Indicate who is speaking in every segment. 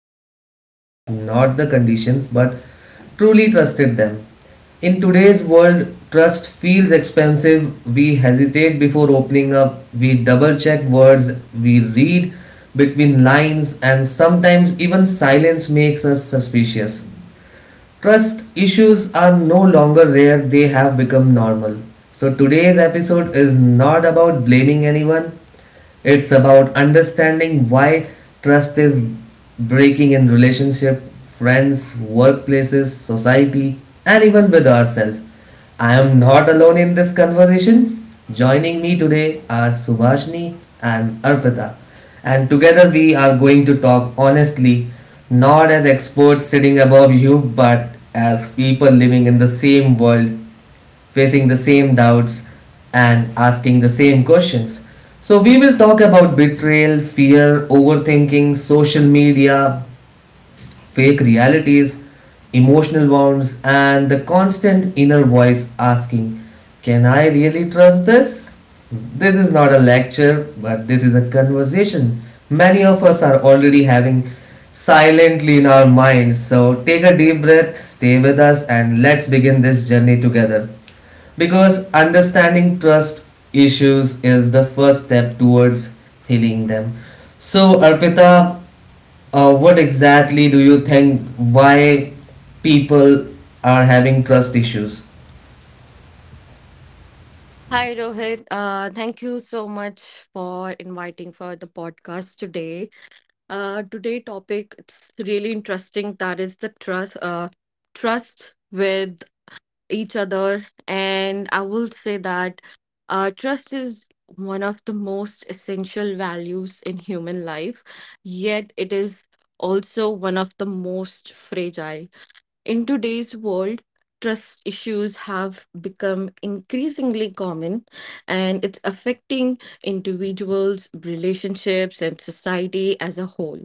Speaker 1: Not half away, not the conditions, but truly trusted them. In today's world, trust feels expensive. We hesitate before opening up, we double check words, we read between lines, and sometimes even silence makes us suspicious. Trust issues are no longer rare, they have become normal. So, today's episode is not about blaming anyone, it's about understanding why trust is breaking in relationship, friends, workplaces, society, and even with ourselves. I am not alone in this conversation. Joining me today are Subhashni and Arpita. And together we are going to talk honestly, not as experts sitting above you, but as people living in the same world facing the same doubts, and asking the same questions. So, we will talk about betrayal, fear, overthinking, social media, fake realities, emotional wounds, and the constant inner voice asking, can I really trust this? This is not a lecture, but this is a conversation. Many of us are already having silently in our minds. So take a deep breath, stay with us, and let's begin this journey together. Because understanding trust issues is the first step towards healing them. So, Arpita, what exactly do you think why people are having trust issues?
Speaker 2: Hi Rohit, thank you so much for inviting for the podcast today. Today topic it's really interesting that is the trust trust with each other and I will say that trust is one of the most essential values in human life, yet it is also one of the most fragile. In today's world, trust issues have become increasingly common and it's affecting individuals, relationships, and society as a whole.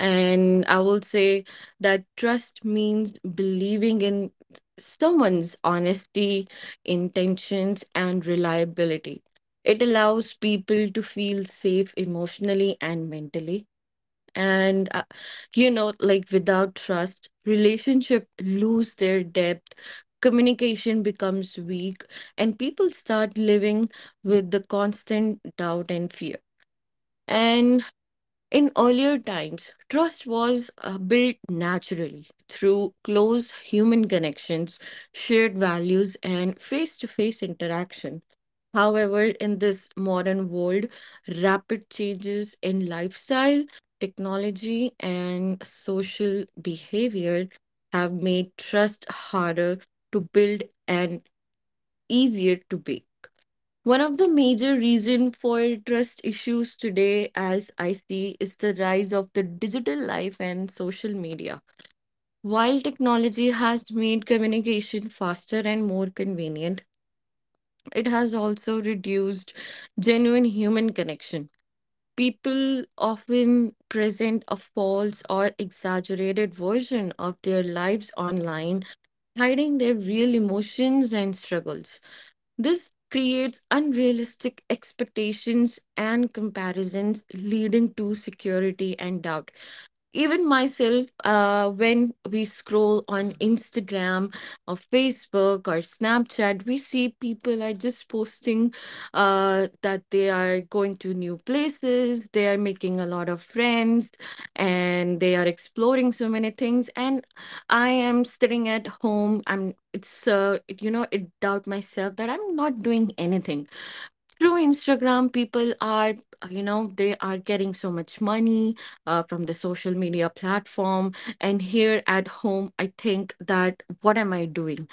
Speaker 2: And I will say that trust means believing in someone's honesty, intentions, and reliability. It allows people to feel safe emotionally and mentally and you know like without trust relationship lose their depth, communication becomes weak, and people start living with the constant doubt and fear. And in earlier times trust was built naturally through close human connections, shared values, and face to face interaction. However, in this modern world, rapid changes in lifestyle, technology, and social behavior have made trust harder to build and easier to be. One of the major reasons for trust issues today, as I see, is the rise of the digital life and social media. While technology has made communication faster and more convenient, it has also reduced genuine human connection. People often present a false or exaggerated version of their lives online, hiding their real emotions and struggles. This creates unrealistic expectations and comparisons, leading to security and doubt. Even myself, when we scroll on Instagram or Facebook or Snapchat, we see people are just posting that they are going to new places, they are making a lot of friends, and they are exploring so many things, and I am sitting at home. I'm it's you know it doubt myself that I'm not doing anything. Through Instagram, people are, they are getting so much money from the social media platform. And here at home, I think that what am I doing?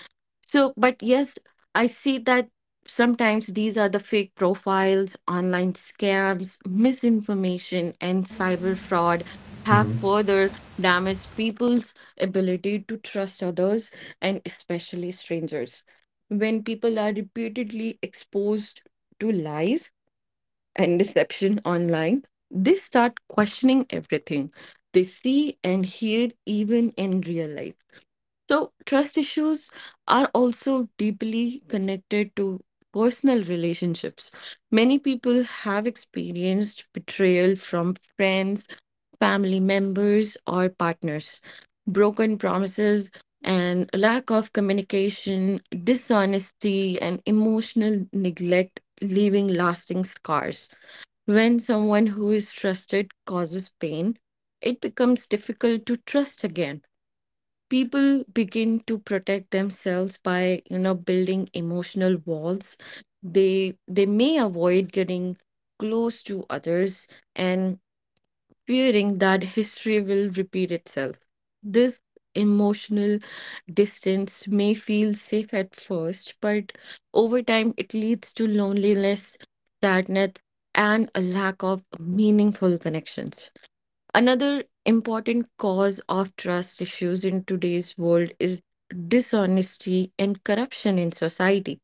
Speaker 2: So, but yes, I see that sometimes these are the fake profiles, online scams, misinformation, and cyber fraud have further damaged people's ability to trust others, and especially strangers. When people are repeatedly exposed to lies and deception online, they start questioning everything they see and hear, even in real life. So, trust issues are also deeply connected to personal relationships. Many people have experienced betrayal from friends, family members, or partners. Broken promises and lack of communication, dishonesty, and emotional neglect leaving lasting scars. When someone who is trusted causes pain, it becomes difficult to trust again. People begin to protect themselves by, you know, building emotional walls. They may avoid getting close to others and fearing that history will repeat itself, this emotional distance may feel safe at first, but over time it leads to loneliness, sadness, and a lack of meaningful connections. Another important cause of trust issues in today's world is dishonesty and corruption in society.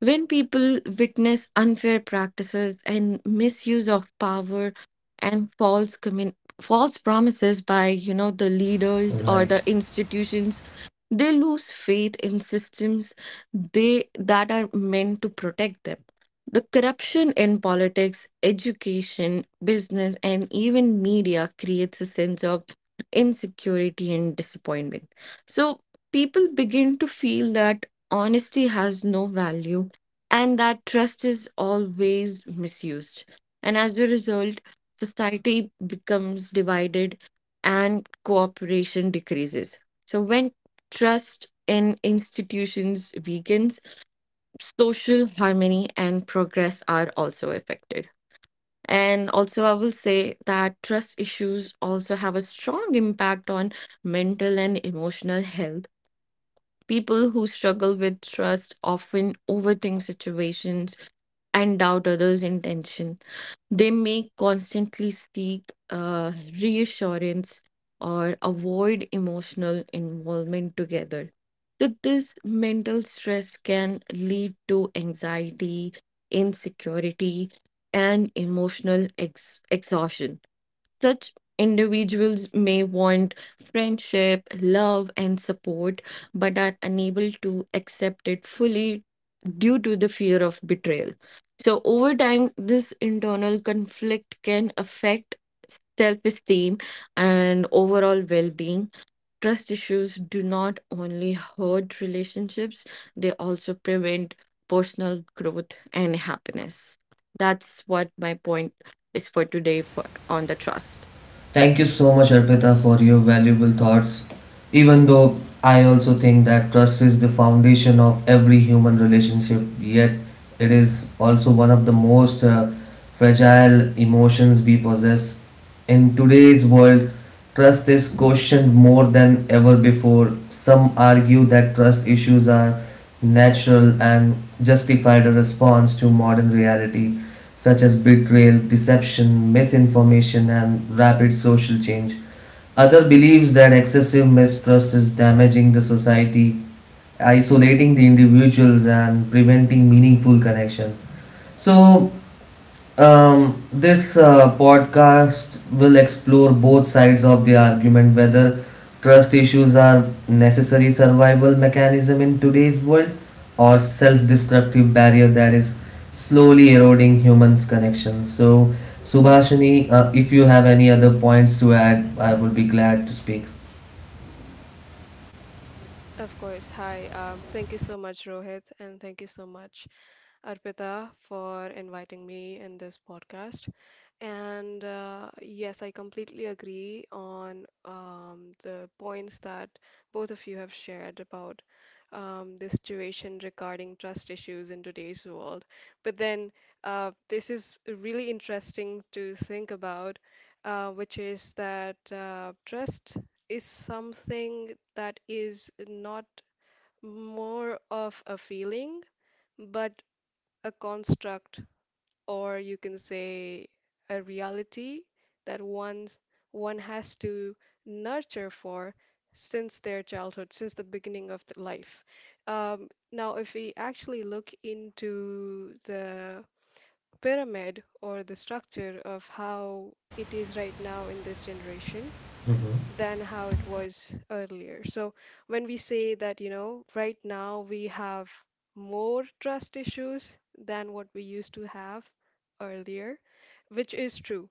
Speaker 2: When people witness unfair practices and misuse of power and false promises by, you know, the leaders or
Speaker 1: Right.
Speaker 2: the institutions, they lose faith in systems they that are meant to protect them. The corruption in politics, education, business, and even media creates a sense of insecurity and disappointment. So people begin to feel that honesty has no value and that trust is always misused. And as a result, society becomes divided and cooperation decreases. So, when trust in institutions weakens, social harmony and progress are also affected. And also, I will say that trust issues also have a strong impact on mental and emotional health. People who struggle with trust often overthink situations and doubt others' intention. They may constantly seek reassurance or avoid emotional involvement together. So, this mental stress can lead to anxiety, insecurity, and emotional exhaustion. Such individuals may want friendship, love, and support, but are unable to accept it fully due to the fear of betrayal. So, over time, this internal conflict can affect self esteem and overall well being. Trust issues do not only hurt relationships, they also prevent personal growth and happiness. That's what my point is for today, for, on the trust.
Speaker 1: Thank you so much, Arpita, for your valuable thoughts. Even though I also think that trust is the foundation of every human relationship, yet it is also one of the most fragile emotions we possess. In today's world, trust is questioned more than ever before. Some argue that trust issues are natural and justified a response to modern reality, such as betrayal, deception, misinformation, and rapid social change. Other believes that excessive mistrust is damaging the society, isolating the individuals, and preventing meaningful connection. So, this podcast will explore both sides of the argument, whether trust issues are necessary survival mechanism in today's world or self-destructive barrier that is slowly eroding humans' connection. So, Subhashini, if you have any other points to add, I would be glad to speak.
Speaker 3: Of course. Hi. Thank you so much, Rohit, and thank you so much, Arpita, for inviting me in this podcast. And yes, I completely agree on the points that both of you have shared about the situation regarding trust issues in today's world. But then this is really interesting to think about, which is that trust is something that is not more of a feeling, but a construct, or you can say a reality that one has to nurture for since their childhood, since the beginning of the life. Now, if we actually look into the pyramid or the structure of how it is right now in this generation, than how it was earlier. So when we say that, you know, right now we have more trust issues than what we used to have earlier, which is true,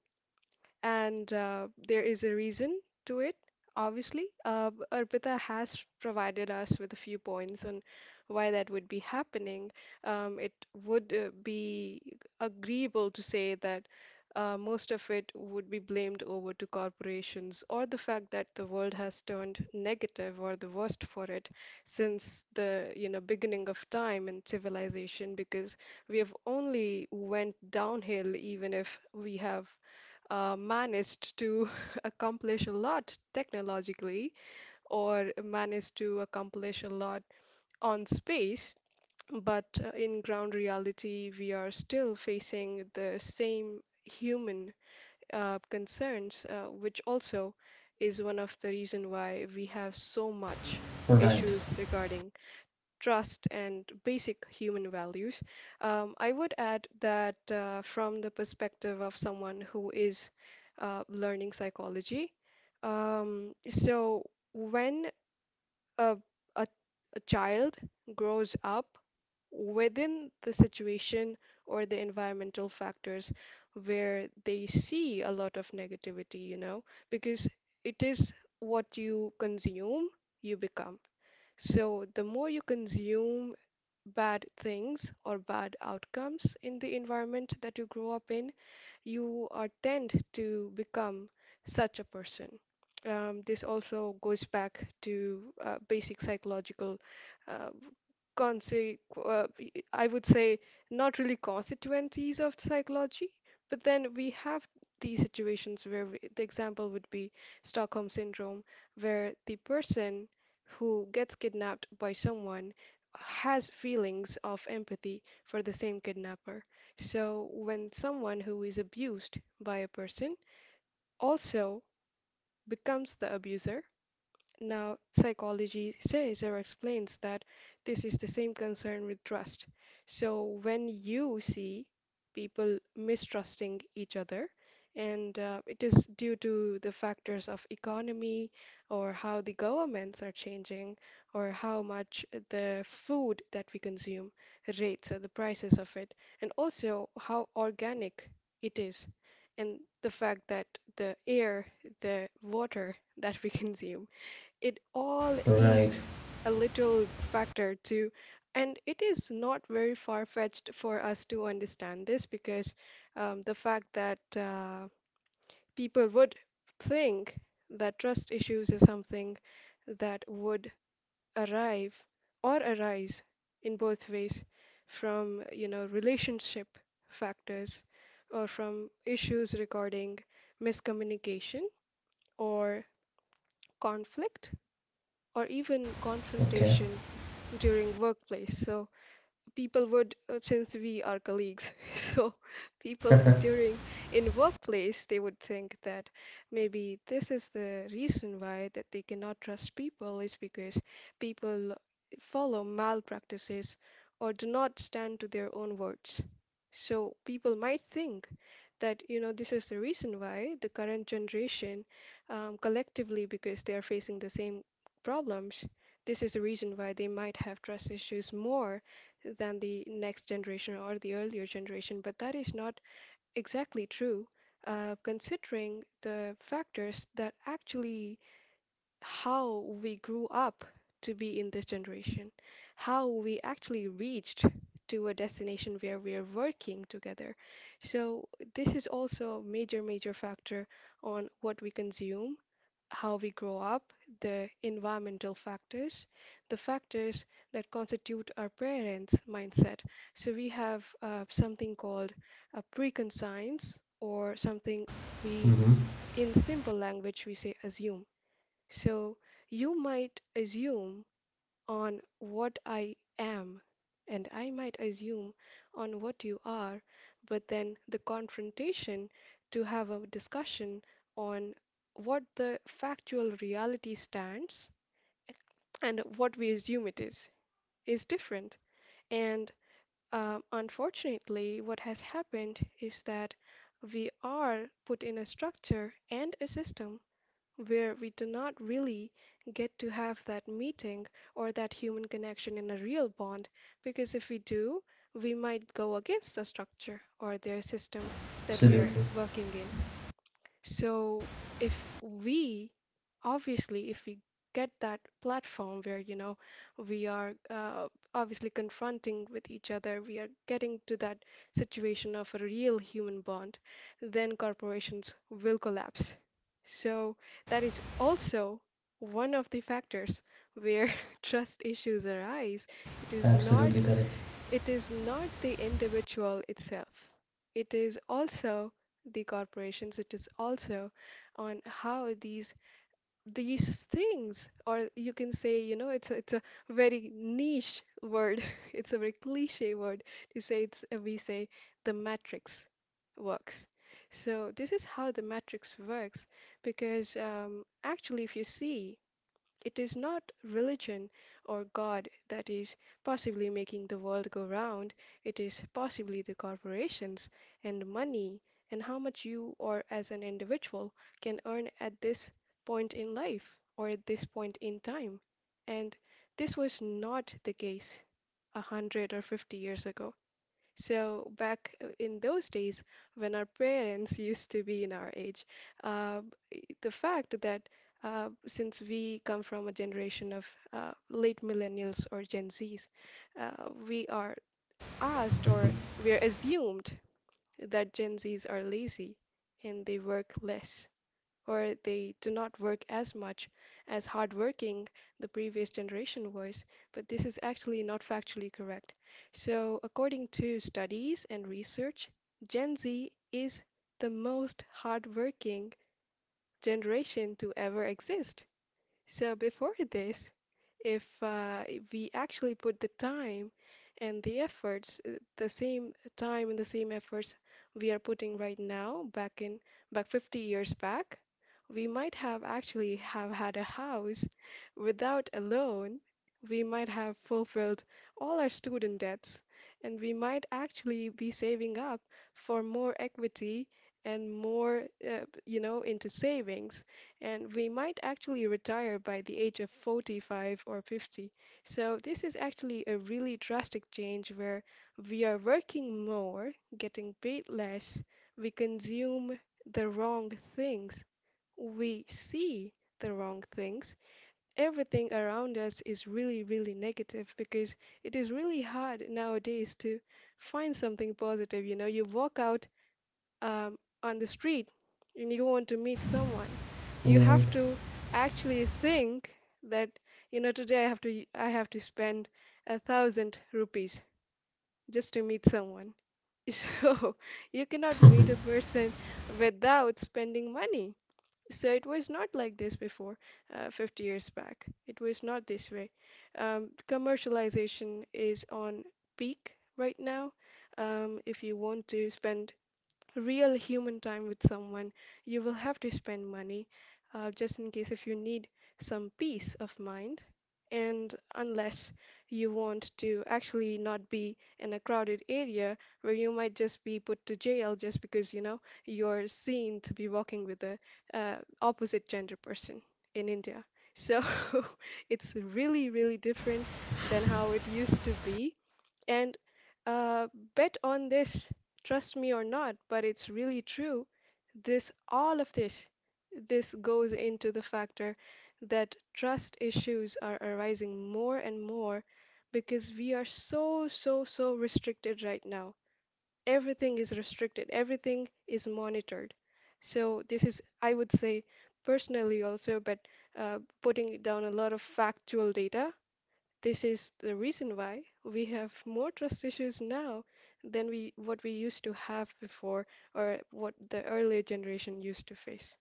Speaker 3: and there is a reason to it. Obviously, Arpita has provided us with a few points on why that would be happening. It would be agreeable to say that most of it would be blamed over to corporations or the fact that the world has turned negative or the worst for it since the, you know, beginning of time and civilization, because we have only went downhill even if we have managed to accomplish a lot technologically or managed to accomplish a lot on space, but in ground reality, we are still facing the same human concerns, which also is one of the reason why we have so much
Speaker 1: Right,
Speaker 3: issues regarding trust, and basic human values. I would add that from the perspective of someone who is learning psychology, so when a, a, a child grows up within the situation or the environmental factors where they see a lot of negativity, you know, because it is what you consume, you become. So the more you consume bad things or bad outcomes in the environment that you grow up in, you are tend to become such a person. This also goes back to basic psychological uh, conse- uh, I would say not really constituencies of psychology, but then we have these situations where we, the example would be Stockholm syndrome, where the person who gets kidnapped by someone has feelings of empathy for the same kidnapper. So when someone who is abused by a person also becomes the abuser, now, psychology says or explains that this is the same concern with trust. So, when you see people mistrusting each other, and it is due to the factors of economy or how the governments are changing or how much the food that we consume rates or the prices of it, and also how organic it is, and the fact that the air, the water that we consume it all is
Speaker 1: right,
Speaker 3: a little factor too. And it is not very far-fetched for us to understand this because the fact that people would think that trust issues is something that would arrive or arise in both ways from, you know, relationship factors or from issues regarding miscommunication or conflict or even
Speaker 1: okay.
Speaker 3: confrontation during workplace. So people would since we are colleagues so people during in workplace they would think that maybe this is the reason why that they cannot trust people is because people follow malpractices or do not stand to their own words, so people might think that, you know, this is the reason why the current generation collectively, because they are facing the same problems, this is the reason why they might have trust issues more than the next generation or the earlier generation, but that is not exactly true. Considering the factors that actually how we grew up to be in this generation, how we actually reached to a destination where we are working together. So this is also a major, major factor on what we consume, how we grow up, the environmental factors, the factors that constitute our parents' mindset. So we have something called a preconscience or something we,
Speaker 1: Mm-hmm.
Speaker 3: in simple language, we say assume. So you might assume on what I am, and I might assume on what you are, but then the confrontation to have a discussion on what the factual reality stands and what we assume it is different. And unfortunately, what has happened is that we are put in a structure and a system where we do not really get to have that meeting or that human connection in a real bond, because if we do, we might go against the structure or their system that we are
Speaker 1: Absolutely,
Speaker 3: working in. So if we, obviously, if we get that platform where, you know, we are obviously confronting with each other, we are getting to that situation of a real human bond, then corporations will collapse. So that is also one of the factors where trust issues arise. It is not
Speaker 1: absolutely correct.
Speaker 3: it is not the individual itself. It is also the corporations. It is also on how these things, or you can say, you know, it's a very niche word. It's a very cliche word to say. It's We say the matrix works. So this is how the matrix works, because actually, if you see, it is not religion or God that is possibly making the world go round, it is possibly the corporations and money and how much you or as an individual can earn at this point in life or at this point in time. And this was not the case 100 or 50 years ago. So back in those days, when our parents used to be in our age, uh, the fact that since we come from a generation of late millennials or Gen Zs, we are asked or we are assumed that Gen Zs are lazy and they work less or they do not work as much as hardworking the previous generation was, but this is actually not factually correct. So, according to studies and research, Gen Z is the most hardworking generation to ever exist. So, before this, if we actually put the time and the efforts, the same time and the same efforts we are putting right now back 50 years back, we might have actually have had a house without a loan. We might have fulfilled all our student debts, and we might actually be saving up for more equity and more, you know, into savings, and we might actually retire by the age of 45 or 50. So, this is actually a really drastic change where we are working more, getting paid less, we consume the wrong things, we see the wrong things. Everything around us is really, really negative because it is really hard nowadays to find something positive. You know, you walk out on the street and you want to meet someone, you have to actually think that, you know, today I have to spend 1,000 rupees just to meet someone. So you cannot meet a person without spending money. So it was not like this before, 50 years back. It was not this way. Commercialization is on peak right now. If you want to spend real human time with someone. You will have to spend money just in case if you need some peace of mind. And unless you want to actually not be in a crowded area where you might just be put to jail just because, you know, you're seen to be walking with a uh, opposite gender person in India. So it's really, really different than how it used to be. And uh, bet on this, trust me or not, but it's really true. This, all of this, this goes into the factor that trust issues are arising more and more because we are so, so, so restricted right now. Everything is restricted, everything is monitored. So, this is, I would say, personally also, but putting down a lot of factual data, this is the reason why we have more trust issues now than we what we used to have before or what the earlier generation used to face.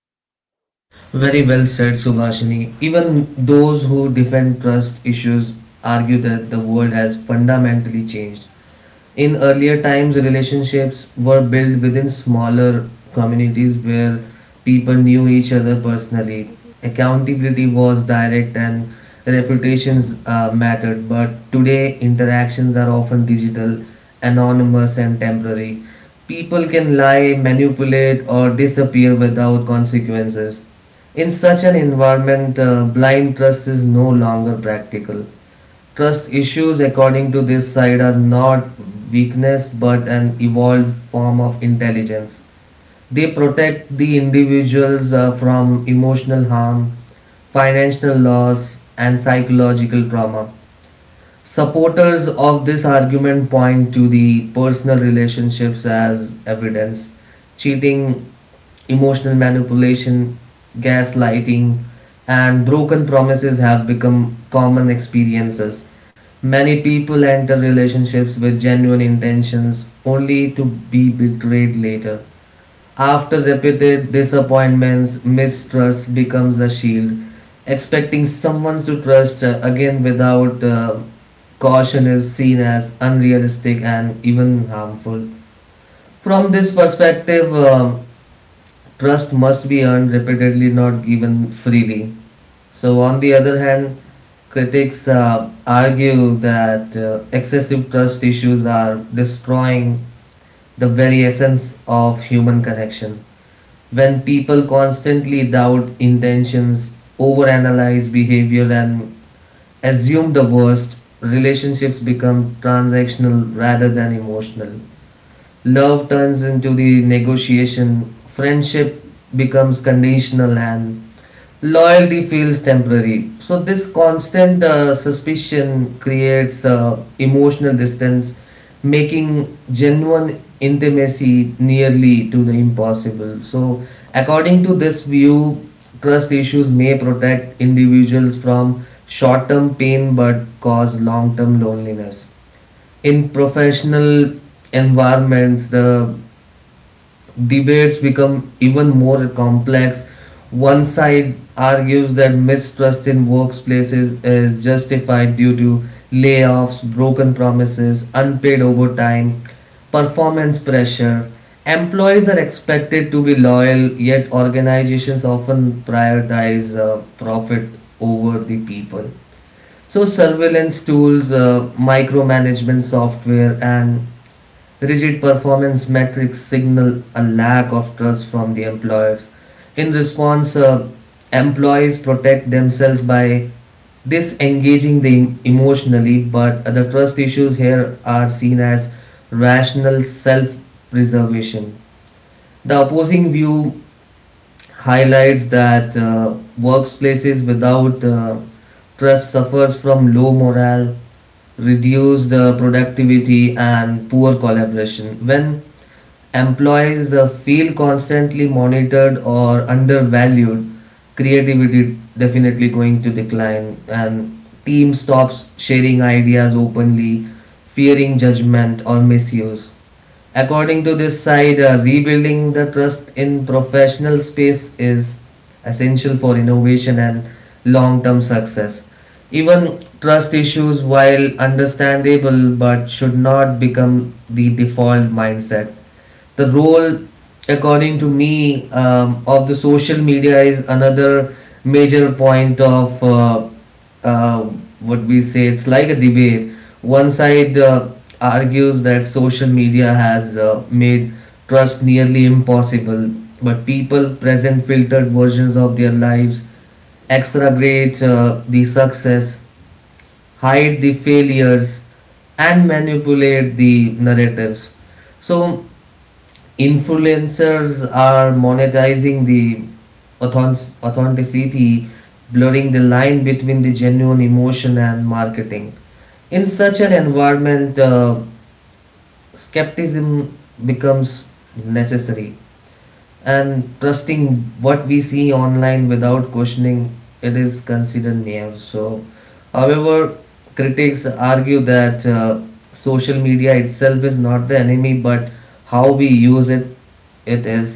Speaker 1: Very well said, Subhashini. Even those who defend trust issues argue that the world has fundamentally changed. In earlier times, relationships were built within smaller communities where people knew each other personally, accountability was direct, and reputations mattered. But today interactions are often digital, anonymous, and temporary. People can lie, manipulate, or disappear without consequences. In such an environment, blind trust is no longer practical. Trust issues, according to this side, are not weakness but an evolved form of intelligence. They protect the individuals from emotional harm, financial loss, and psychological trauma. Supporters of this argument point to the personal relationships as evidence. Cheating, emotional manipulation, gaslighting, and broken promises have become common experiences. Many people enter relationships with genuine intentions only to be betrayed later. After repeated disappointments, mistrust becomes a shield. Expecting someone to trust again without caution is seen as unrealistic and even harmful. From this perspective, trust must be earned repeatedly, not given freely. So, on the other hand, critics argue that excessive trust issues are destroying the very essence of human connection. When people constantly doubt intentions, overanalyze behavior, and assume the worst, relationships become transactional rather than emotional. Love turns into the negotiation, friendship becomes conditional, and loyalty feels temporary. So, this constant suspicion creates emotional distance, making genuine intimacy nearly to the impossible. So, according to this view, trust issues may protect individuals from short term pain but cause long term loneliness. In professional environments, the debates become even more complex. One side argues that mistrust in workplaces is justified due to layoffs, broken promises, unpaid overtime, performance pressure. Employees are expected to be loyal, yet organizations often prioritize profit over the people. So surveillance tools, micromanagement software, and rigid performance metrics signal a lack of trust from the employers. In response, employees protect themselves by disengaging them emotionally, but the trust issues here are seen as rational self preservation. The opposing view highlights that workplaces without trust suffers from low morale, reduced productivity, and poor collaboration. When employees feel constantly monitored or undervalued, creativity definitely going to decline, and team stops sharing ideas openly, fearing judgment or misuse. According to this side, rebuilding the trust in professional space is essential for innovation and long term success. Even trust issues, while understandable, but should not become the default mindset. The role, according to me, of the social media is another major point of uh, what we say it's like a debate. One side argues that social media has made trust nearly impossible. But people present filtered versions of their lives, exaggerate the success, hide the failures, and manipulate the narratives. So, influencers are monetizing the authenticity, blurring the line between the genuine emotion and marketing. In such an environment, skepticism becomes necessary, and trusting what we see online without questioning it is considered naive. So, however, critics argue that social media itself is not the enemy, but how we use it. It is.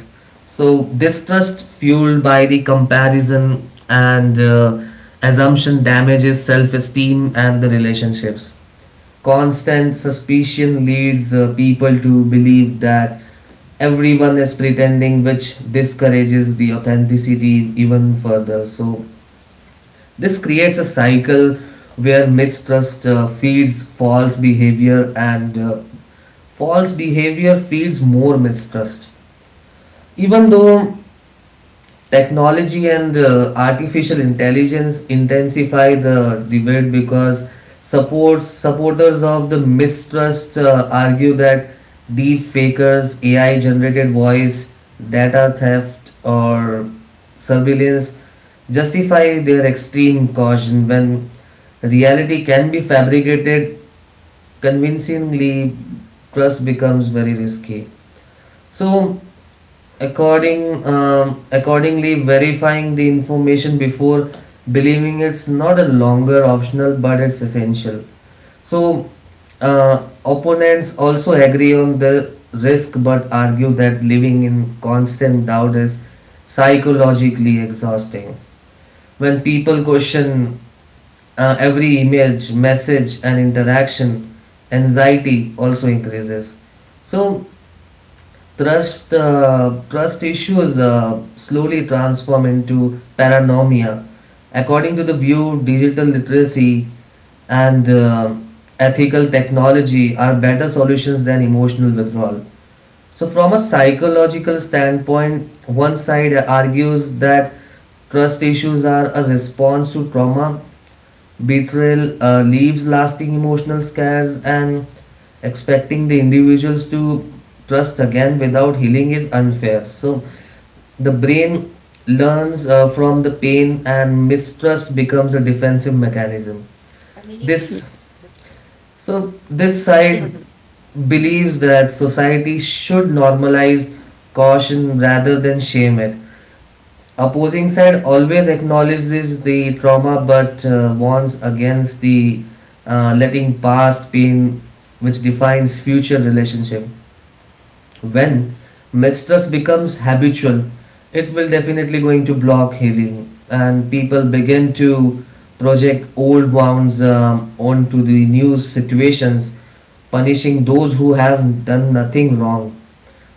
Speaker 1: So distrust fueled by the comparison and assumption damages self-esteem and the relationships. Constant suspicion leads people to believe that everyone is pretending, which discourages the authenticity even further. So this creates a cycle where mistrust feeds false behavior, and false behavior feeds more mistrust. Even though technology and artificial intelligence intensify the debate, because supports supporters of the mistrust argue that deep fakers ai generated voice, data theft, or surveillance justify their extreme caution. When reality can be fabricated convincingly, trust becomes very risky. So, accordingly, verifying the information before believing it's not a longer optional, but it's essential. So, opponents also agree on the risk, but argue that living in constant doubt is psychologically exhausting. When people question every image, message, and interaction, anxiety also increases. So, trust issues slowly transform into paranoia. According to the view, digital literacy and ethical technology are better solutions than emotional withdrawal. So, from a psychological standpoint, one side argues that trust issues are a response to trauma. Betrayal leaves lasting emotional scars, and expecting the individuals to trust again without healing is unfair. So, the brain learns from the pain, and mistrust becomes a defensive mechanism.
Speaker 2: Yeah.
Speaker 1: This so this side believes that society should normalize caution rather than shame it. Opposing side always acknowledges the trauma but warns against the letting past pain which defines future relationship. When mistrust becomes habitual, it will definitely going to block healing, and people begin to project old wounds onto the new situations, punishing those who have done nothing wrong.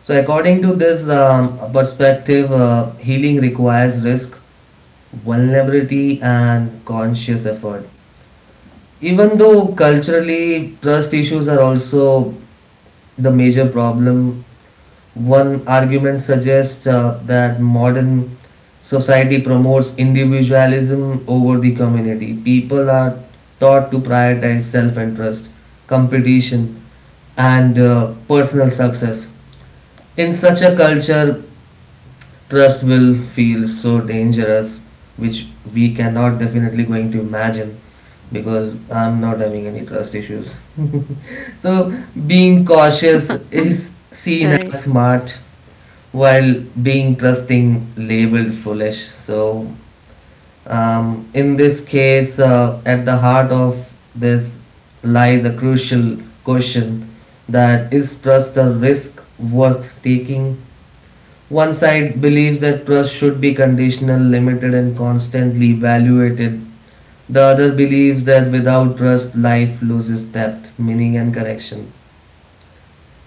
Speaker 1: So, according to this perspective, healing requires risk, vulnerability and conscious effort. Even though culturally trust issues are also the major problem, one argument suggests that modern society promotes individualism over the community. People are taught to prioritize self interest, competition, and personal success. In such a culture, trust will feel so dangerous, which we cannot definitely going to imagine, because I'm not having any trust issues. So being cautious is seen as
Speaker 2: Right.
Speaker 1: smart while being trusting labeled foolish. So in this case, at the heart of this lies a crucial question, that is, trust a risk worth taking? One side believes that trust should be conditional, limited, and constantly evaluated. The other believes that without trust, life loses depth, meaning, and correction.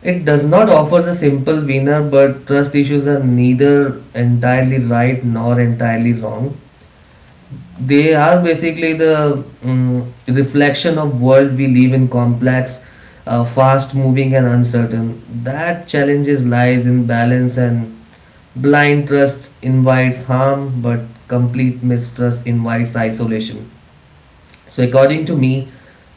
Speaker 1: It does not offer a simple winner, but trust issues are neither entirely right nor entirely wrong. They are basically the reflection of world we live in, complex, fast moving and uncertain. That challenges lies in balance, and blind trust invites harm, but complete mistrust invites isolation. So, according to me,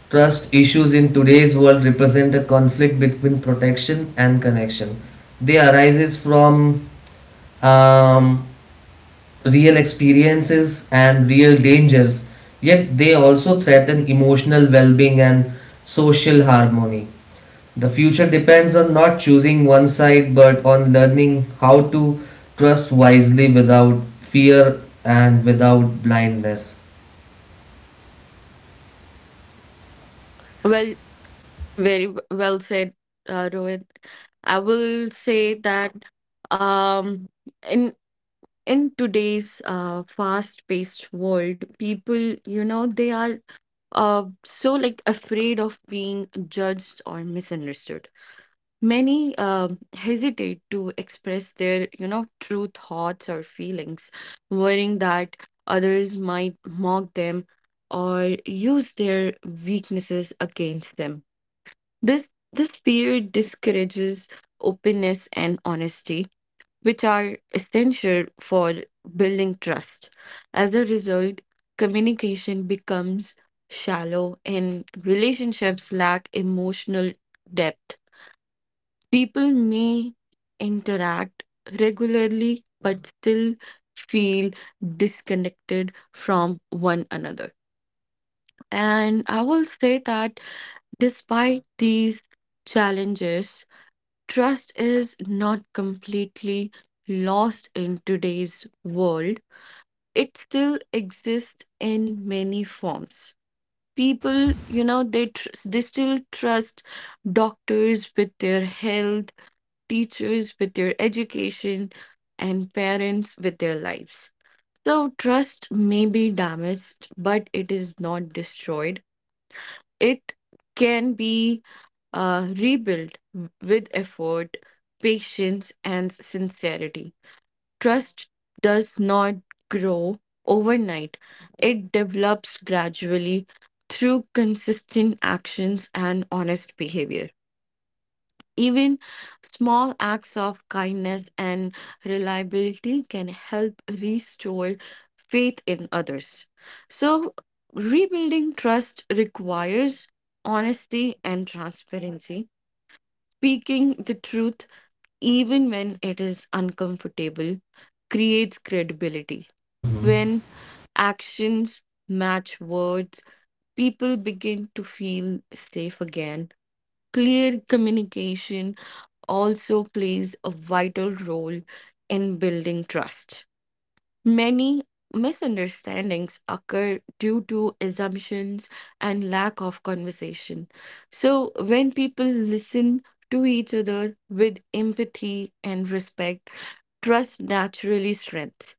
Speaker 1: trust issues in today's world represent a conflict between protection and connection. They arises from um, real experiences and real dangers, yet they also threaten emotional well-being and social harmony. The future depends on not choosing one side but on learning how to trust wisely without fear and without blindness.
Speaker 2: Well, well said, Rohit. I will say that um, in today's fast-paced world, people, you know, they are so like afraid of being judged or misunderstood. Many hesitate to express their, you know, true thoughts or feelings, worrying that others might mock them or use their weaknesses against them. This fear discourages openness and honesty, which are essential for building trust. As a result, communication becomes shallow and relationships lack emotional depth. People may interact regularly but still feel disconnected from one another. And I will say that despite these challenges, trust is not completely lost in today's world. It still exists in many forms. People, you know, they still trust doctors with their health, teachers with their education, and parents with their lives. So, trust may be damaged, but it is not destroyed. It can be rebuilt with effort, patience, and sincerity. Trust does not grow overnight, it develops gradually through consistent actions and honest behavior. Even small acts of kindness and reliability can help restore faith in others. So, rebuilding trust requires honesty and transparency. Speaking the truth even when it is uncomfortable creates credibility.
Speaker 1: Mm-hmm.
Speaker 2: When actions match words, people begin to feel safe again. Clear communication also plays a vital role in building trust. Many misunderstandings occur due to assumptions and lack of conversation. So, when people listen to each other with empathy and respect, trust naturally strengthens.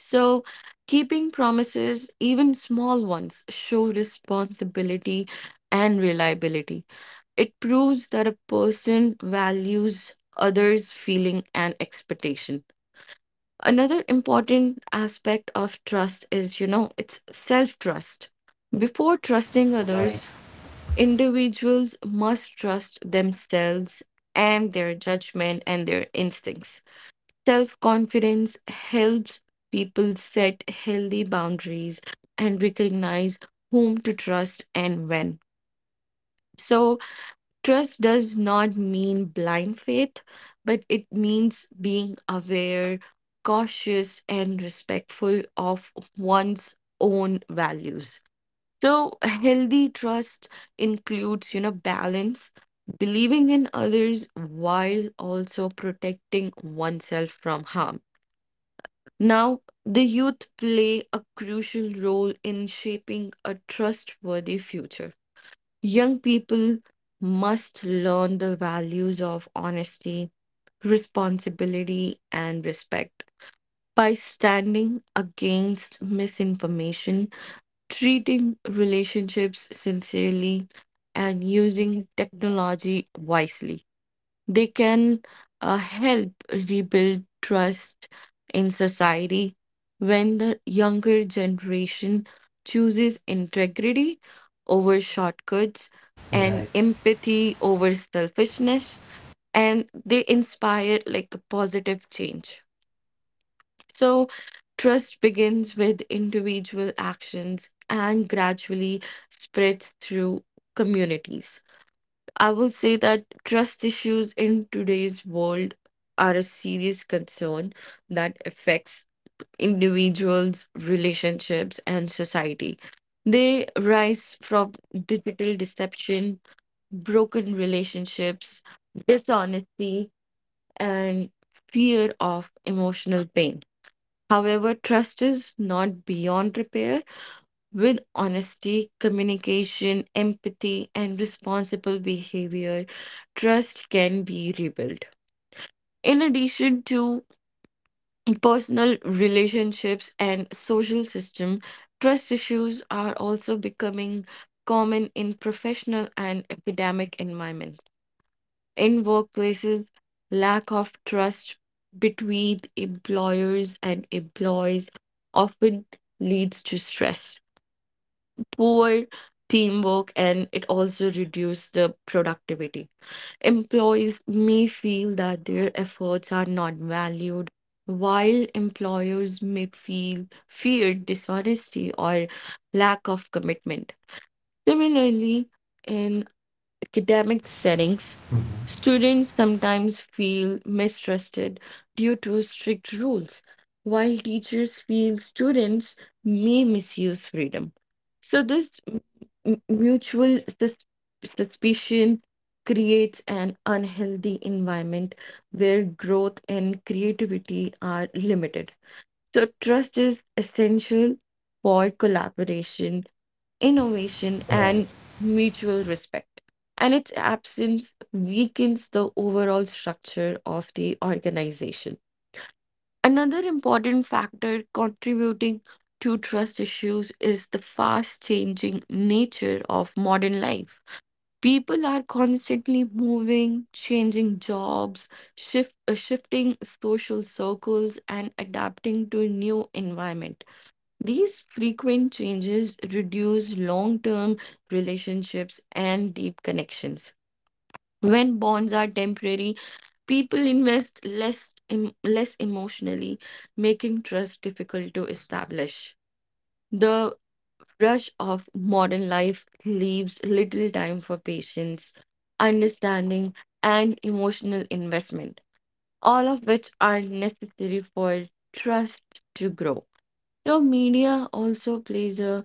Speaker 2: So, keeping promises, even small ones, show responsibility and reliability. It proves that a person values others' feeling and expectation. Another important aspect of trust is, you know, it's self-trust. Before trusting
Speaker 1: Right,
Speaker 2: others, individuals must trust themselves and their judgment and their instincts. Self-confidence helps people set healthy boundaries and recognize whom to trust and when. So, trust does not mean blind faith, but it means being aware, cautious, and respectful of one's own values. So, healthy trust includes, you know, balance, believing in others while also protecting oneself from harm. Now, the youth play a crucial role in shaping a trustworthy future. Young people must learn the values of honesty, responsibility, and respect by standing against misinformation, treating relationships sincerely, and using technology wisely. They can help rebuild trust in society. When the younger generation chooses integrity over shortcuts and
Speaker 1: right,
Speaker 2: empathy over selfishness, and they inspire like a positive change. So, trust begins with individual actions and gradually spreads through communities. I will say that trust issues in today's world are a serious concern that affects individuals, relationships, and society. They rise from digital deception, broken relationships, dishonesty, and fear of emotional pain. However, trust is not beyond repair. With honesty, communication, empathy, and responsible behavior, trust can be rebuilt. In addition to personal relationships and social system, trust issues are also becoming common in professional and academic environments. In workplaces, lack of trust between employers and employees often leads to stress, poor teamwork, and it also reduces the productivity. Employees may feel that their efforts are not valued, while employers may feel fear dishonesty or lack of commitment. Similarly, in academic settings, students sometimes feel mistrusted due to strict rules, while teachers feel students may misuse freedom. So, this mutual suspicion creates an unhealthy environment where growth and creativity are limited. So, trust is essential for collaboration, innovation,
Speaker 1: right.
Speaker 2: and mutual respect. And its absence weakens the overall structure of the organization. Another important factor contributing to trust issues is the fast changing nature of modern life. People are constantly moving, changing jobs, shifting social circles, and adapting to a new environment. These frequent changes reduce long-term relationships and deep connections. When bonds are temporary, people invest less emotionally, making trust difficult to establish. The rush of modern life leaves little time for patience, understanding, and emotional investment, all of which are necessary for trust to grow. The media also plays a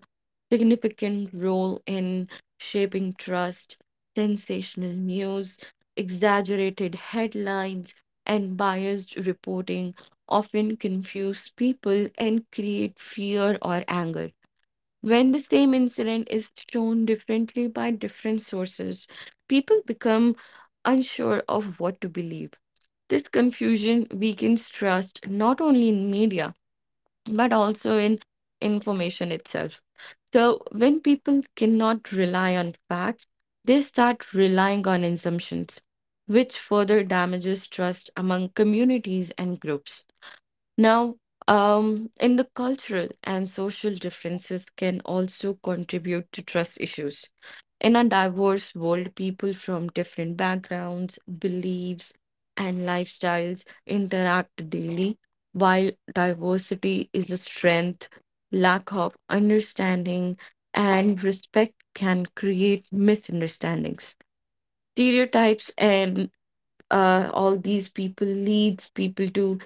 Speaker 2: significant role in shaping trust. Sensational news, exaggerated headlines, and biased reporting often confuse people and create fear or anger. When the same incident is shown differently by different sources, people become unsure of what to believe. This confusion weakens trust not only in media but also in information itself. So when people cannot rely on facts, they start relying on assumptions, which further damages trust among communities and groups. Now, in the cultural and social differences can also contribute to trust issues. In a diverse world, people from different backgrounds, beliefs, and lifestyles interact daily. While diversity is a strength, lack of understanding and respect can create misunderstandings. Stereotypes and all these people leads people to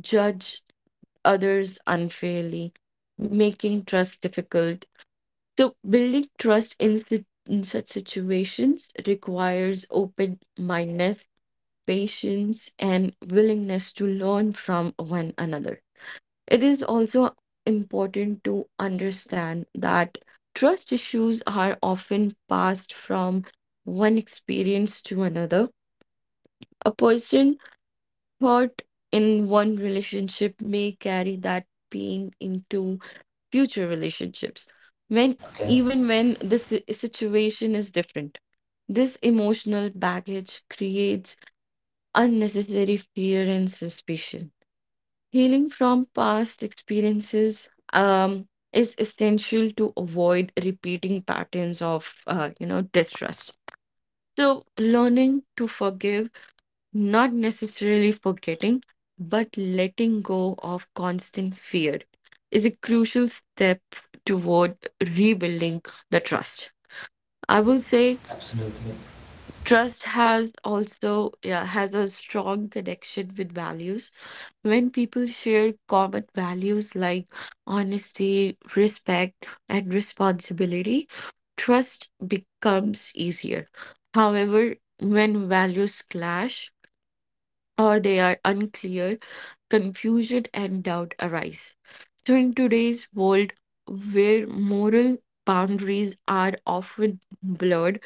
Speaker 2: judge others unfairly, making trust difficult. So, building trust in such situations requires open mindedness, patience, and willingness to learn from one another. It is also important to understand that trust issues are often passed from one experience to another. A person hurt in one relationship may carry that pain into future relationships when
Speaker 1: Okay,
Speaker 2: even when the si- situation is different. This emotional baggage creates unnecessary fear and suspicion. Healing from past experiences is essential to avoid repeating patterns of, you know, distrust. So learning to forgive, not necessarily forgetting, but letting go of constant fear is a crucial step toward rebuilding the trust. I will say
Speaker 1: absolutely,
Speaker 2: trust has also, yeah, has a strong connection with values. When people share common values like honesty, respect, and responsibility, trust becomes easier. However, when values clash, or they are unclear, confusion and doubt arise. So, in today's world where moral boundaries are often blurred,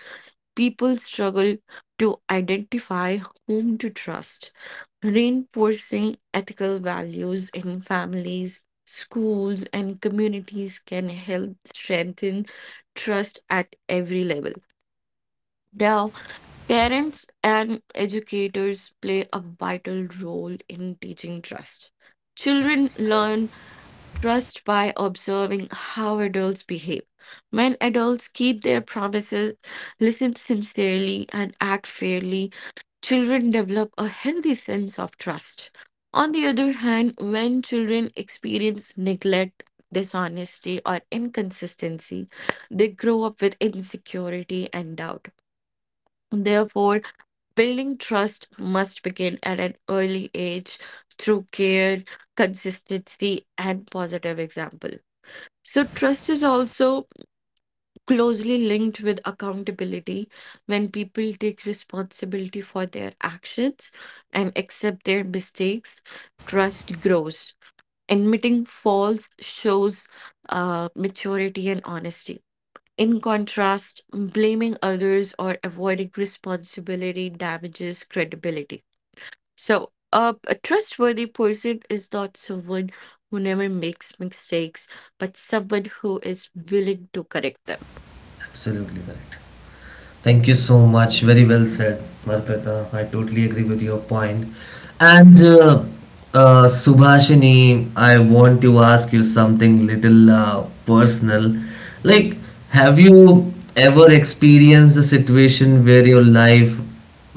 Speaker 2: people struggle to identify whom to trust. Reinforcing ethical values in families, schools, and communities can help strengthen trust at every level. Now, parents and educators play a vital role in teaching trust. Children learn trust by observing how adults behave. When adults keep their promises, listen sincerely, and act fairly, children develop a healthy sense of trust. On the other hand, when children experience neglect, dishonesty, or inconsistency, they grow up with insecurity and doubt. Therefore, building trust must begin at an early age through care, consistency, and positive example. So, trust is also closely linked with accountability. When people take responsibility for their actions and accept their mistakes, trust grows. Admitting faults shows maturity and honesty. In contrast, blaming others or avoiding responsibility damages credibility. So, a trustworthy person is not someone who never makes mistakes, but someone who is willing to correct them.
Speaker 1: absolutely right. Thank you so much. Very well said, Marpeta. I totally agree with your point. And Subhashini, I want to ask you something little personal. Like, have you ever experienced a situation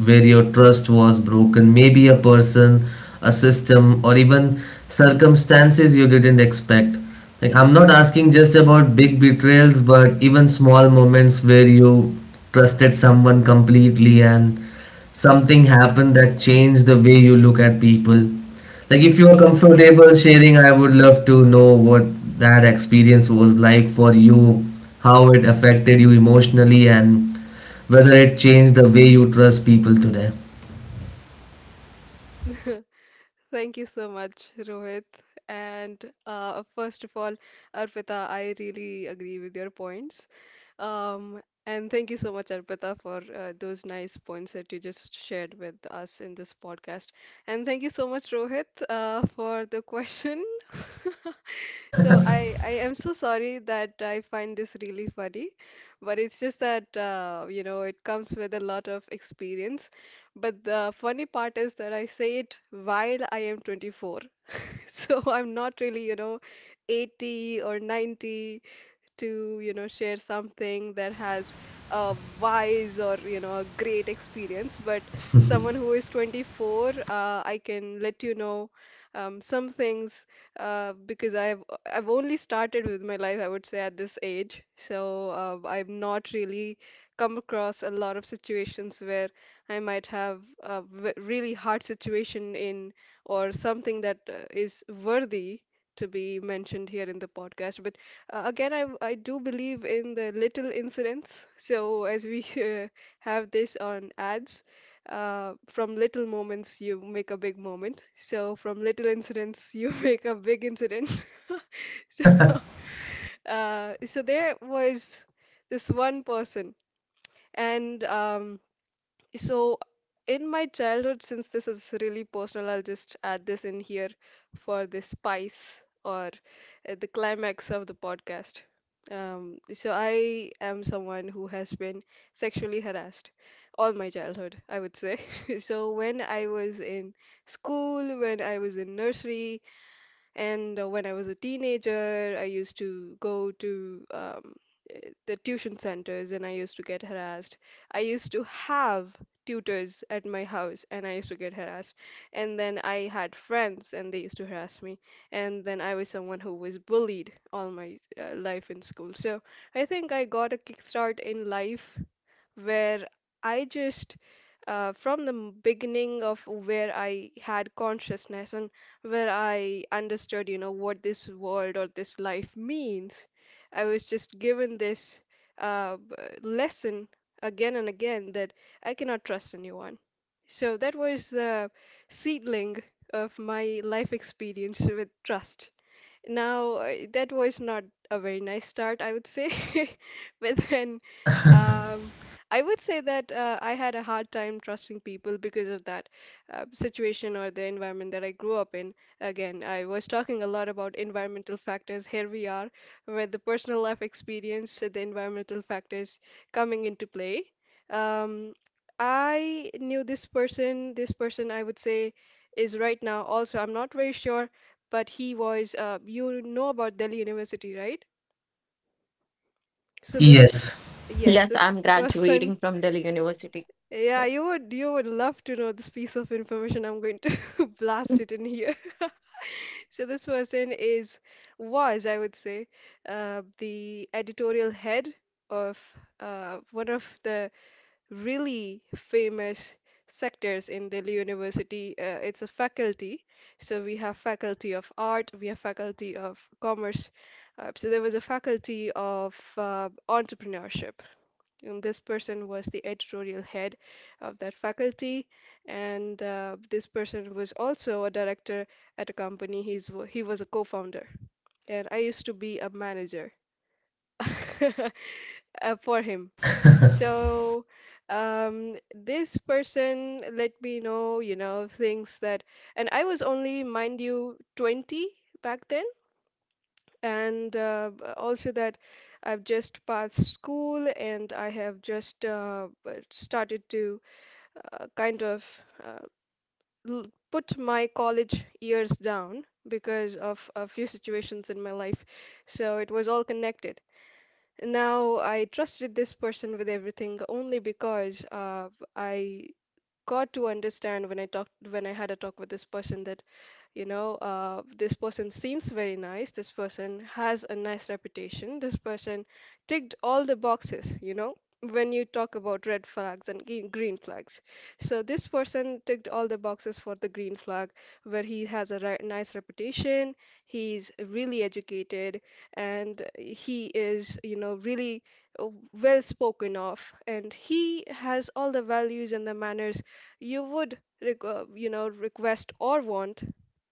Speaker 1: where your trust was broken, maybe a person, a system, or even circumstances you didn't expect. Like, I'm not asking just about big betrayals, but even small moments where you trusted someone completely and something happened that changed the way you look at people. Like, if you're comfortable sharing, I would love to know what that experience was like for you, how it affected you emotionally, and whether it changed the way you trust people today.
Speaker 3: Thank you so much, Rohit. And first of all, Arpita, I really agree with your points. Um, and thank you so much, Arpita, for those nice points that you just shared with us in this podcast. And thank you so much, Rohit, for the question. So I am so sorry that I find this really funny, but it's just that you know it comes with a lot of experience. But the funny part is that I say it while I am 24. So I'm not really, 80 or 90 to, share something that has a wise or, a great experience. But someone who is 24, I can let you know some things because I've only started with my life, I would say, at this age. So I've not really come across a lot of situations where I might have a v really hard situation in or something that is worthy to be mentioned here in the podcast. But again, I do believe in the little incidents. So as we have this on ads, from little moments you make a big moment. So from little incidents you make a big incident. So so there was this one person, and. So, in my childhood, since this is really personal, I'll just add this in here for the spice or the climax of the podcast. So, I am someone who has been sexually harassed all my childhood, I would say. So, when I was in school, when I was in nursery, and when I was a teenager, I used to go to the tuition centers and I used to get harassed. I used to have tutors at my house and I used to get harassed. And then I had friends and they used to harass me. And then I was someone who was bullied all my life in school. So I think I got a kickstart in life where I just, from the beginning of where I had consciousness and where I understood, what this world or this life means, I was just given this uh, b- lesson again and again that I cannot trust anyone. So that was the seedling of my life experience with trust. Now, that was not a very nice start, I would say. But then um, I would say that I had a hard time trusting people because of that situation or the environment that I grew up in. Again, I was talking a lot about environmental factors. Here we are, with the personal life experience, the environmental factors coming into play. Um, I knew this person I would say is right now also, I'm not very sure, but he was, you know about Delhi University, right? So this,
Speaker 1: Yes.
Speaker 3: yes,
Speaker 2: Yes,
Speaker 3: this
Speaker 2: I'm
Speaker 3: person.
Speaker 2: graduating from Delhi University.
Speaker 3: Yeah, you would love to know this piece of information. I'm going to blast it in here. So this person is was, I would say, the editorial head of one of the really famous sectors in Delhi University. It's a faculty. So we have faculty of art, we have faculty of commerce. So there was a faculty of entrepreneurship. This person was the editorial head of that faculty, and this person was also a director at a company. He was a co-founder, and I used to be a manager uh, for him. So this person let me know, things that, and I was only, mind you, 20 back then and also that I've just passed school and I have just started to kind of uh, l- put my college years down because of a few situations in my life. So it was all connected. Now I trusted this person with everything only because I got to understand when I talked when I had a talk with this person that this person seems very nice. This person has a nice reputation. This person ticked all the boxes, you know, when you talk about red flags and green flags. So this person ticked all the boxes for the green flag, where he has a nice reputation. He's really educated, and he is, really uh, well spoken of, and he has all the values and the manners you would request or want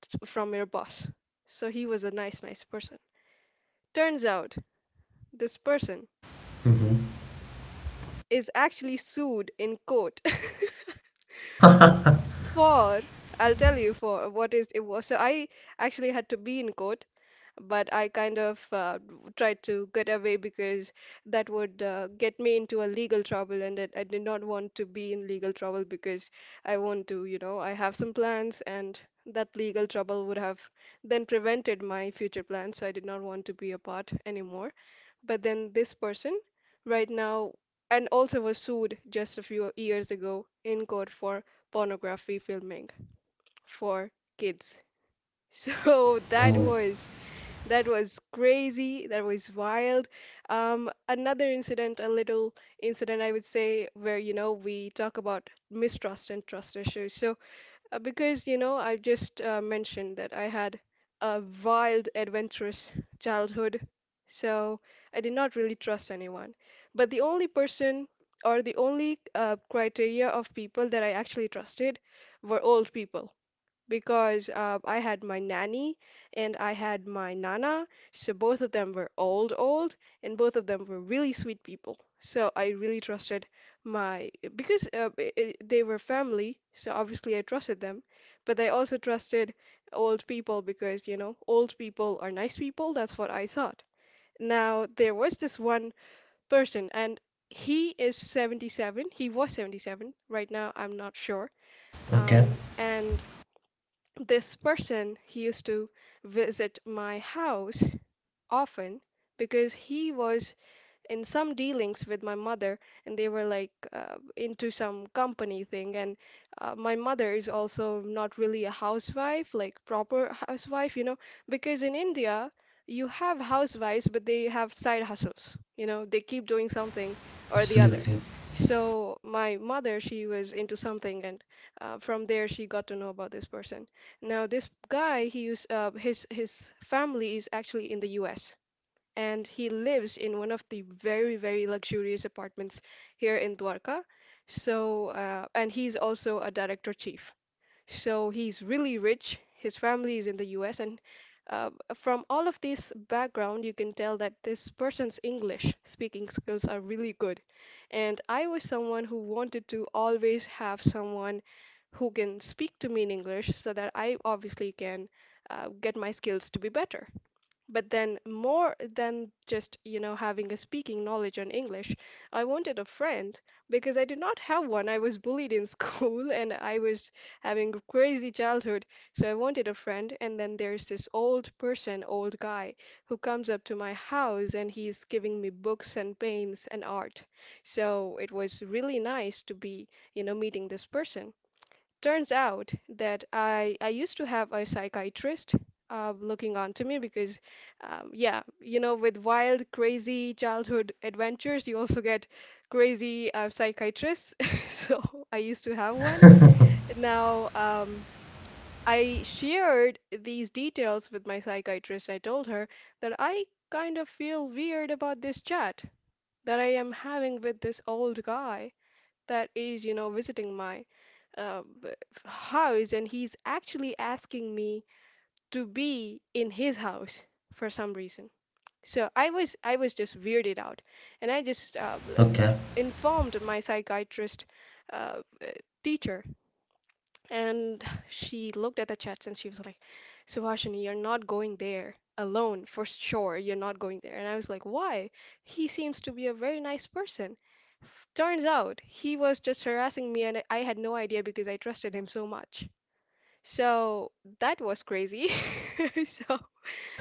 Speaker 3: from your boss. So he was a nice, nice person. Turns out this person is actually sued in court for, I'll tell you for what is it was. So I actually had to be in court, but I kind of tried to get away because that would get me into a legal trouble, and that I did not want to be in legal trouble because I want to, I have some plans and that legal trouble would have then prevented my future plans, so I did not want to be a part anymore. But then this person right now and also was sued just a few years ago in court for pornography filming for kids. So that
Speaker 1: Oh,
Speaker 3: was that was crazy, that was wild. Another incident, a little incident I would say where we talk about mistrust and trust issues. So because, I've just mentioned that I had a wild, adventurous childhood, so I did not really trust anyone. But the only person or the only criteria of people that I actually trusted were old people because I had my nanny and I had my nana. So both of them were old, old, and both of them were really sweet people. So I really trusted my because they were family, so obviously I trusted them. But I also trusted old people because old people are nice people. That's what I thought. Now there was this one person, and he is 77. He was 77. Right now, I'm not sure.
Speaker 1: okay.
Speaker 3: And this person, he used to visit my house often because he was in some dealings with my mother, and they were like into some company thing. And my mother is also not really a housewife, like proper housewife, because in India, you have housewives, but they have side hustles, they keep doing something or the other.
Speaker 1: Absolutely.
Speaker 3: So my mother, she was into something, and from there she got to know about this person. Now this guy, he used his family is actually in the U.S, and he lives in one of the very, very luxurious apartments here in Dwarka. So, and he's also a director chief. So he's really rich. His family is in the US, and from all of this background, you can tell that this person's English speaking skills are really good. And I was someone who wanted to always have someone who can speak to me in English so that I obviously can get my skills to be better. But then, more than just, having a speaking knowledge on English, I wanted a friend because I did not have one. I was bullied in school and I was having a crazy childhood. So I wanted a friend. And then there's this old person, old guy, who comes up to my house and he's giving me books and paints and art. So it was really nice to be, meeting this person. Turns out that I used to have a psychiatrist looking onto me because, yeah, with wild, crazy childhood adventures, you also get crazy psychiatrists. So I used to have one. Now, I shared these details with my psychiatrist. I told her that I kind of feel weird about this chat that I am having with this old guy that is, visiting my uh, b- house, and he's actually asking me to be in his house for some reason. So I was just weirded out, and I just
Speaker 1: Okay,
Speaker 3: informed my psychiatrist uh, uh, teacher, and she looked at the chats and she was like, "Subhashini, you're not going there." Alone for sure, you're not going there. And I was like, why? He seems to be a very nice person. Turns out he was just harassing me, and I had no idea because I trusted him so much. So that was crazy. So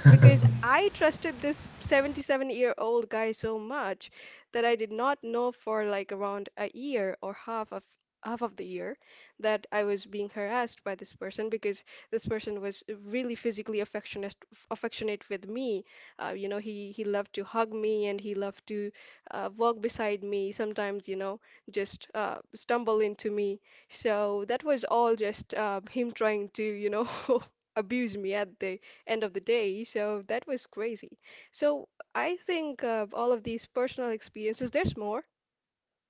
Speaker 3: because I trusted this 77-year-old guy so much that I did not know for like around a year or half of the year that I was being harassed by this person because this person was really physically affectionate with me. He loved to hug me and he loved to walk beside me. Sometimes, just stumble into me. So that was all just him trying to, abuse me at the end of the day. So that was crazy. So I think all of these personal experiences, there's more,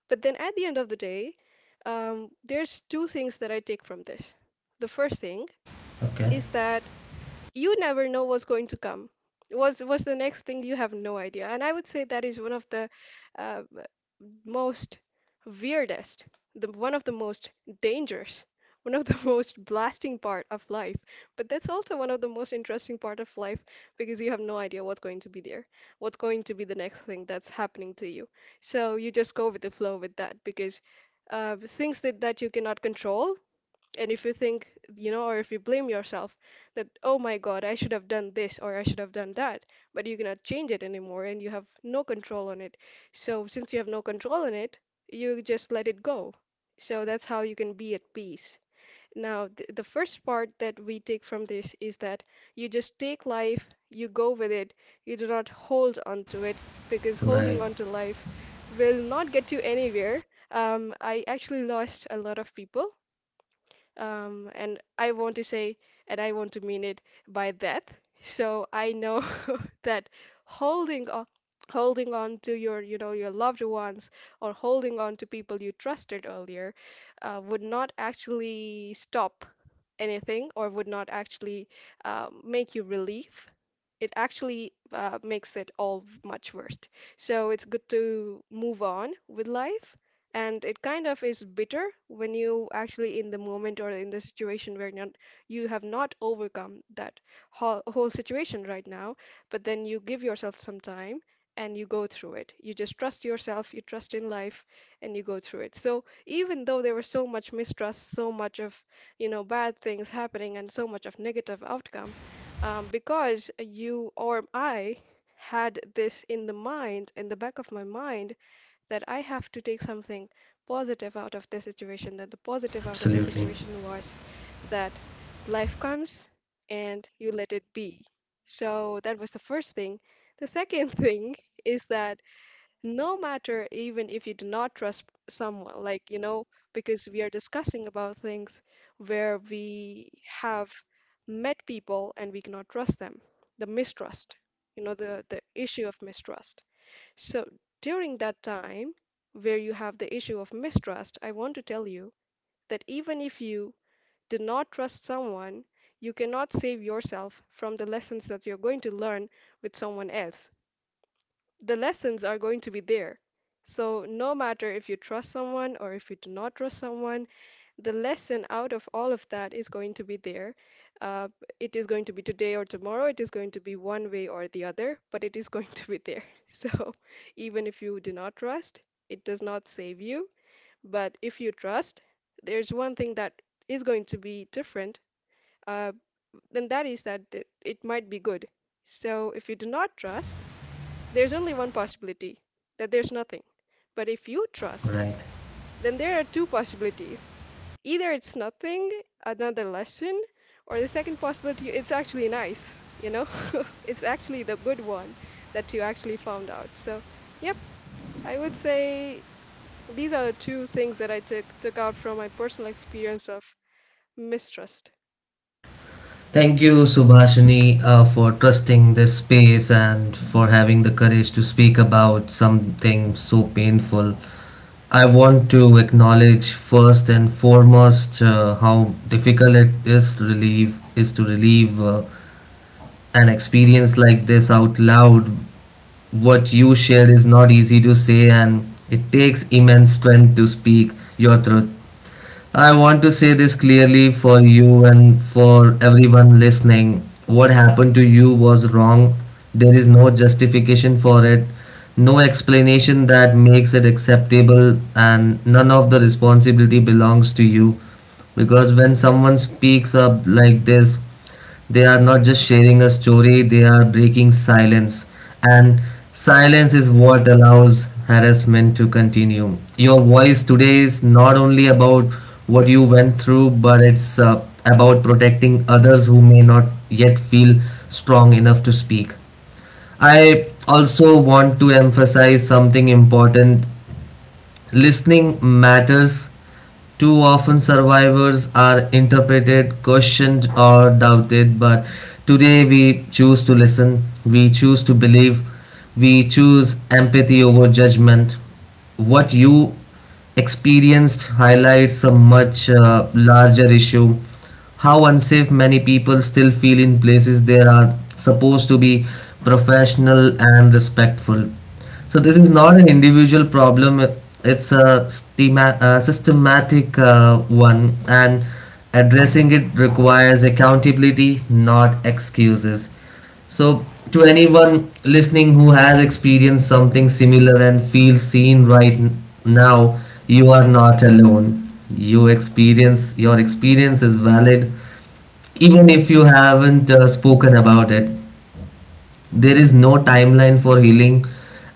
Speaker 3: but then at the end of the day, there's two things that I take from this. The first thing
Speaker 1: okay,
Speaker 3: is that you never know what's going to come, what's the next thing. You have no idea. And I would say that is one of the uh, most weirdest, the one of the most dangerous, one of the most blasting part of life, but that's also one of the most interesting part of life, because you have no idea what's going to be there, what's going to be the next thing that's happening to you. So you just go with the flow with that, because things that you cannot control. And if you think, or if you blame yourself that, oh my God, I should have done this or I should have done that, but you cannot change it anymore and you have no control on it. So since you have no control on it, you just let it go. So that's how you can be at peace. Now, th the first part that we take from this is that you just take life, you go with it, you do not hold on to it, because holding
Speaker 1: right.
Speaker 3: on to life will not get you anywhere. I actually lost a lot of people, and I want to say, and I want to mean it by that. So I know that holding on, holding on to your, your loved ones, or holding on to people you trusted earlier, would not actually stop anything, or would not actually make you relieve, it actually makes it all much worse. So it's good to move on with life. And it kind of is bitter when you actually in the moment or in the situation where you're, you have not overcome that whole situation right now, but then you give yourself some time and you go through it. You just trust yourself, you trust in life, and you go through it. So even though there was so much mistrust, so much of, bad things happening, and so much of negative outcome, because you or I had this in the mind, in the back of my mind, that I have to take something positive out of the situation. That the positive out of the
Speaker 1: Absolutely
Speaker 3: situation was that life comes and you let it be. So that was the first thing. The second thing is that no matter, even if you do not trust someone, like, you know, because we are discussing about things where we have met people and we cannot trust them, the mistrust, you know, the issue of mistrust. So during that time where you have the issue of mistrust, I want to tell you that even if you do not trust someone, you cannot save yourself from the lessons that you're going to learn with someone else. The lessons are going to be there. So, no matter if you trust someone or if you do not trust someone, the lesson out of all of that is going to be there. Uh, it is going to be today or tomorrow. It is going to be one way or the other, but it is going to be there. So, even if you do not trust, it does not save you. But if you trust, there's one thing that is going to be different, uh, and that is that it might be good. So, if you do not trust, there's only one possibility, that there's nothing. But if you trust,
Speaker 1: right.
Speaker 3: then there are two possibilities. Either it's nothing, another lesson, or the second possibility, it's actually nice, you know? It's actually the good one that you actually found out. So, yep, I would say these are the two things that I took out from my personal experience of mistrust.
Speaker 1: Thank you, Subhashini, for trusting this space and for having the
Speaker 3: Mhm.
Speaker 1: courage to speak about something so painful. I want to acknowledge first and foremost how difficult it is to relieve is to relieve uh, an experience like this out loud. What you shared is not easy to say, and it takes immense strength to speak your truth. I want to say this clearly for you and for everyone listening. What happened to you was wrong. There is no justification for it, no explanation that makes it acceptable, and none of the responsibility belongs to you. Because when someone speaks up like this, they are not just sharing a story, they are breaking silence. And silence is what allows harassment to continue. Your voice today is not only about what you went through, but it's about protecting others who may not yet feel strong enough to speak. I also want to emphasize something important. Listening matters. Too often, survivors are interpreted, questioned, or doubted, but today we choose to listen, we choose to believe, we choose empathy over judgment. What you experienced highlights a much larger issue. How unsafe many people still feel in places they are supposed to be professional and respectful. So this is not an individual problem. It's a systematic one, and addressing it requires accountability, not excuses. So to anyone listening who has experienced something similar and feels seen right now, you are not alone. You experience your experience is valid, even if you haven't spoken about it. There is no timeline for healing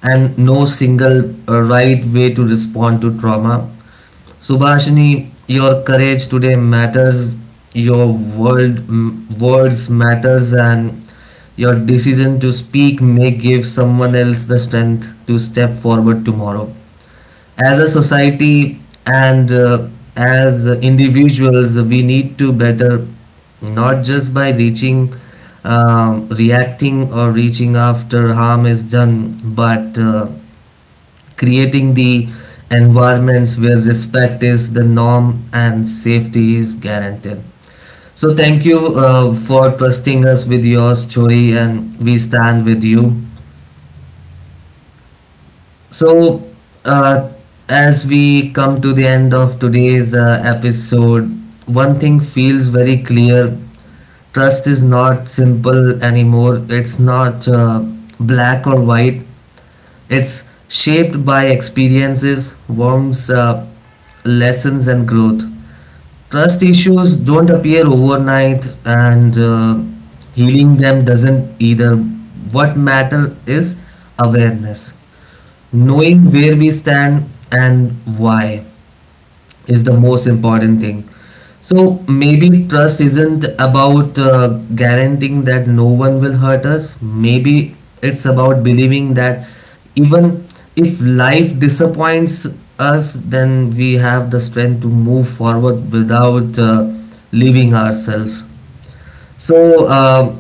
Speaker 1: and no single right way to respond to trauma. Subhashini, your courage today matters, your words matters, and your decision to speak may give someone else the strength to step forward tomorrow. As a society and as individuals, we need to better, not just by reaching reacting or reaching after harm is done, but creating the environments where respect is the norm and safety is guaranteed. So thank you for trusting us with your story, and we stand with you. So, uh, as we come to the end of today's episode, one thing feels very clear. Trust is not simple anymore, it's not black or white, it's shaped by experiences, lessons, and growth. Trust issues don't appear overnight, and healing them doesn't either. What matter is awareness, knowing where we stand and why is the most important thing. So maybe trust isn't about guaranteeing that no one will hurt us. Maybe it's about believing that even if life disappoints us, then we have the strength to move forward without leaving ourselves. So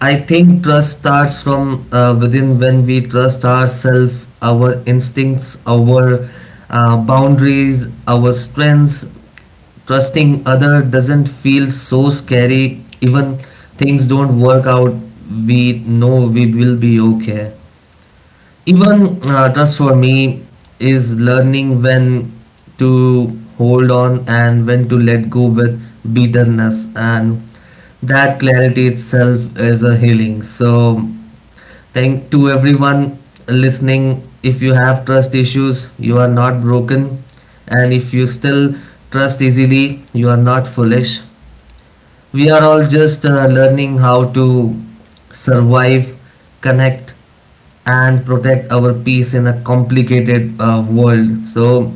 Speaker 1: I think trust starts from within. When we trust ourselves, our instincts, our boundaries, our strengths. Trusting other doesn't feel so scary. Even things don't work out, we know we will be okay. Even trust for me is learning when to hold on and when to let go with bitterness, and that clarity itself is a healing. So thank to everyone listening, if you have trust issues you are not broken, and if you still trust easily you are not foolish. We are all just learning how to survive, connect, and protect our peace in a complicated world. So,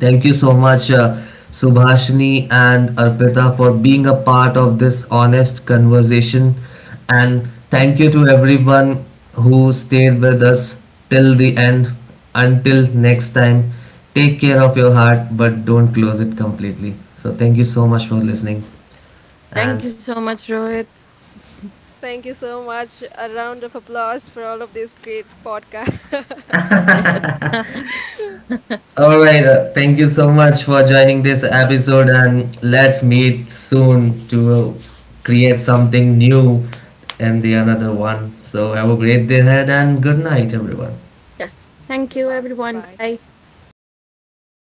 Speaker 1: thank you so much, Subhashini and Arpita, for being a part of this honest conversation. And thank you to everyone who stayed with us till the end. Until next time, take care of your heart, but don't close it completely. So, thank you so much for listening. And
Speaker 2: Thank you so much, Rohit.
Speaker 3: Thank you so much. A round of applause for all of this great podcast.
Speaker 2: Yes.
Speaker 1: all right, thank you so much for joining this episode, and let's meet soon to create something new and the another one. So have a great day ahead, and good night, everyone.
Speaker 2: Yes. Thank you,
Speaker 3: Goodbye.
Speaker 2: everyone.
Speaker 3: Bye-bye.
Speaker 2: Bye.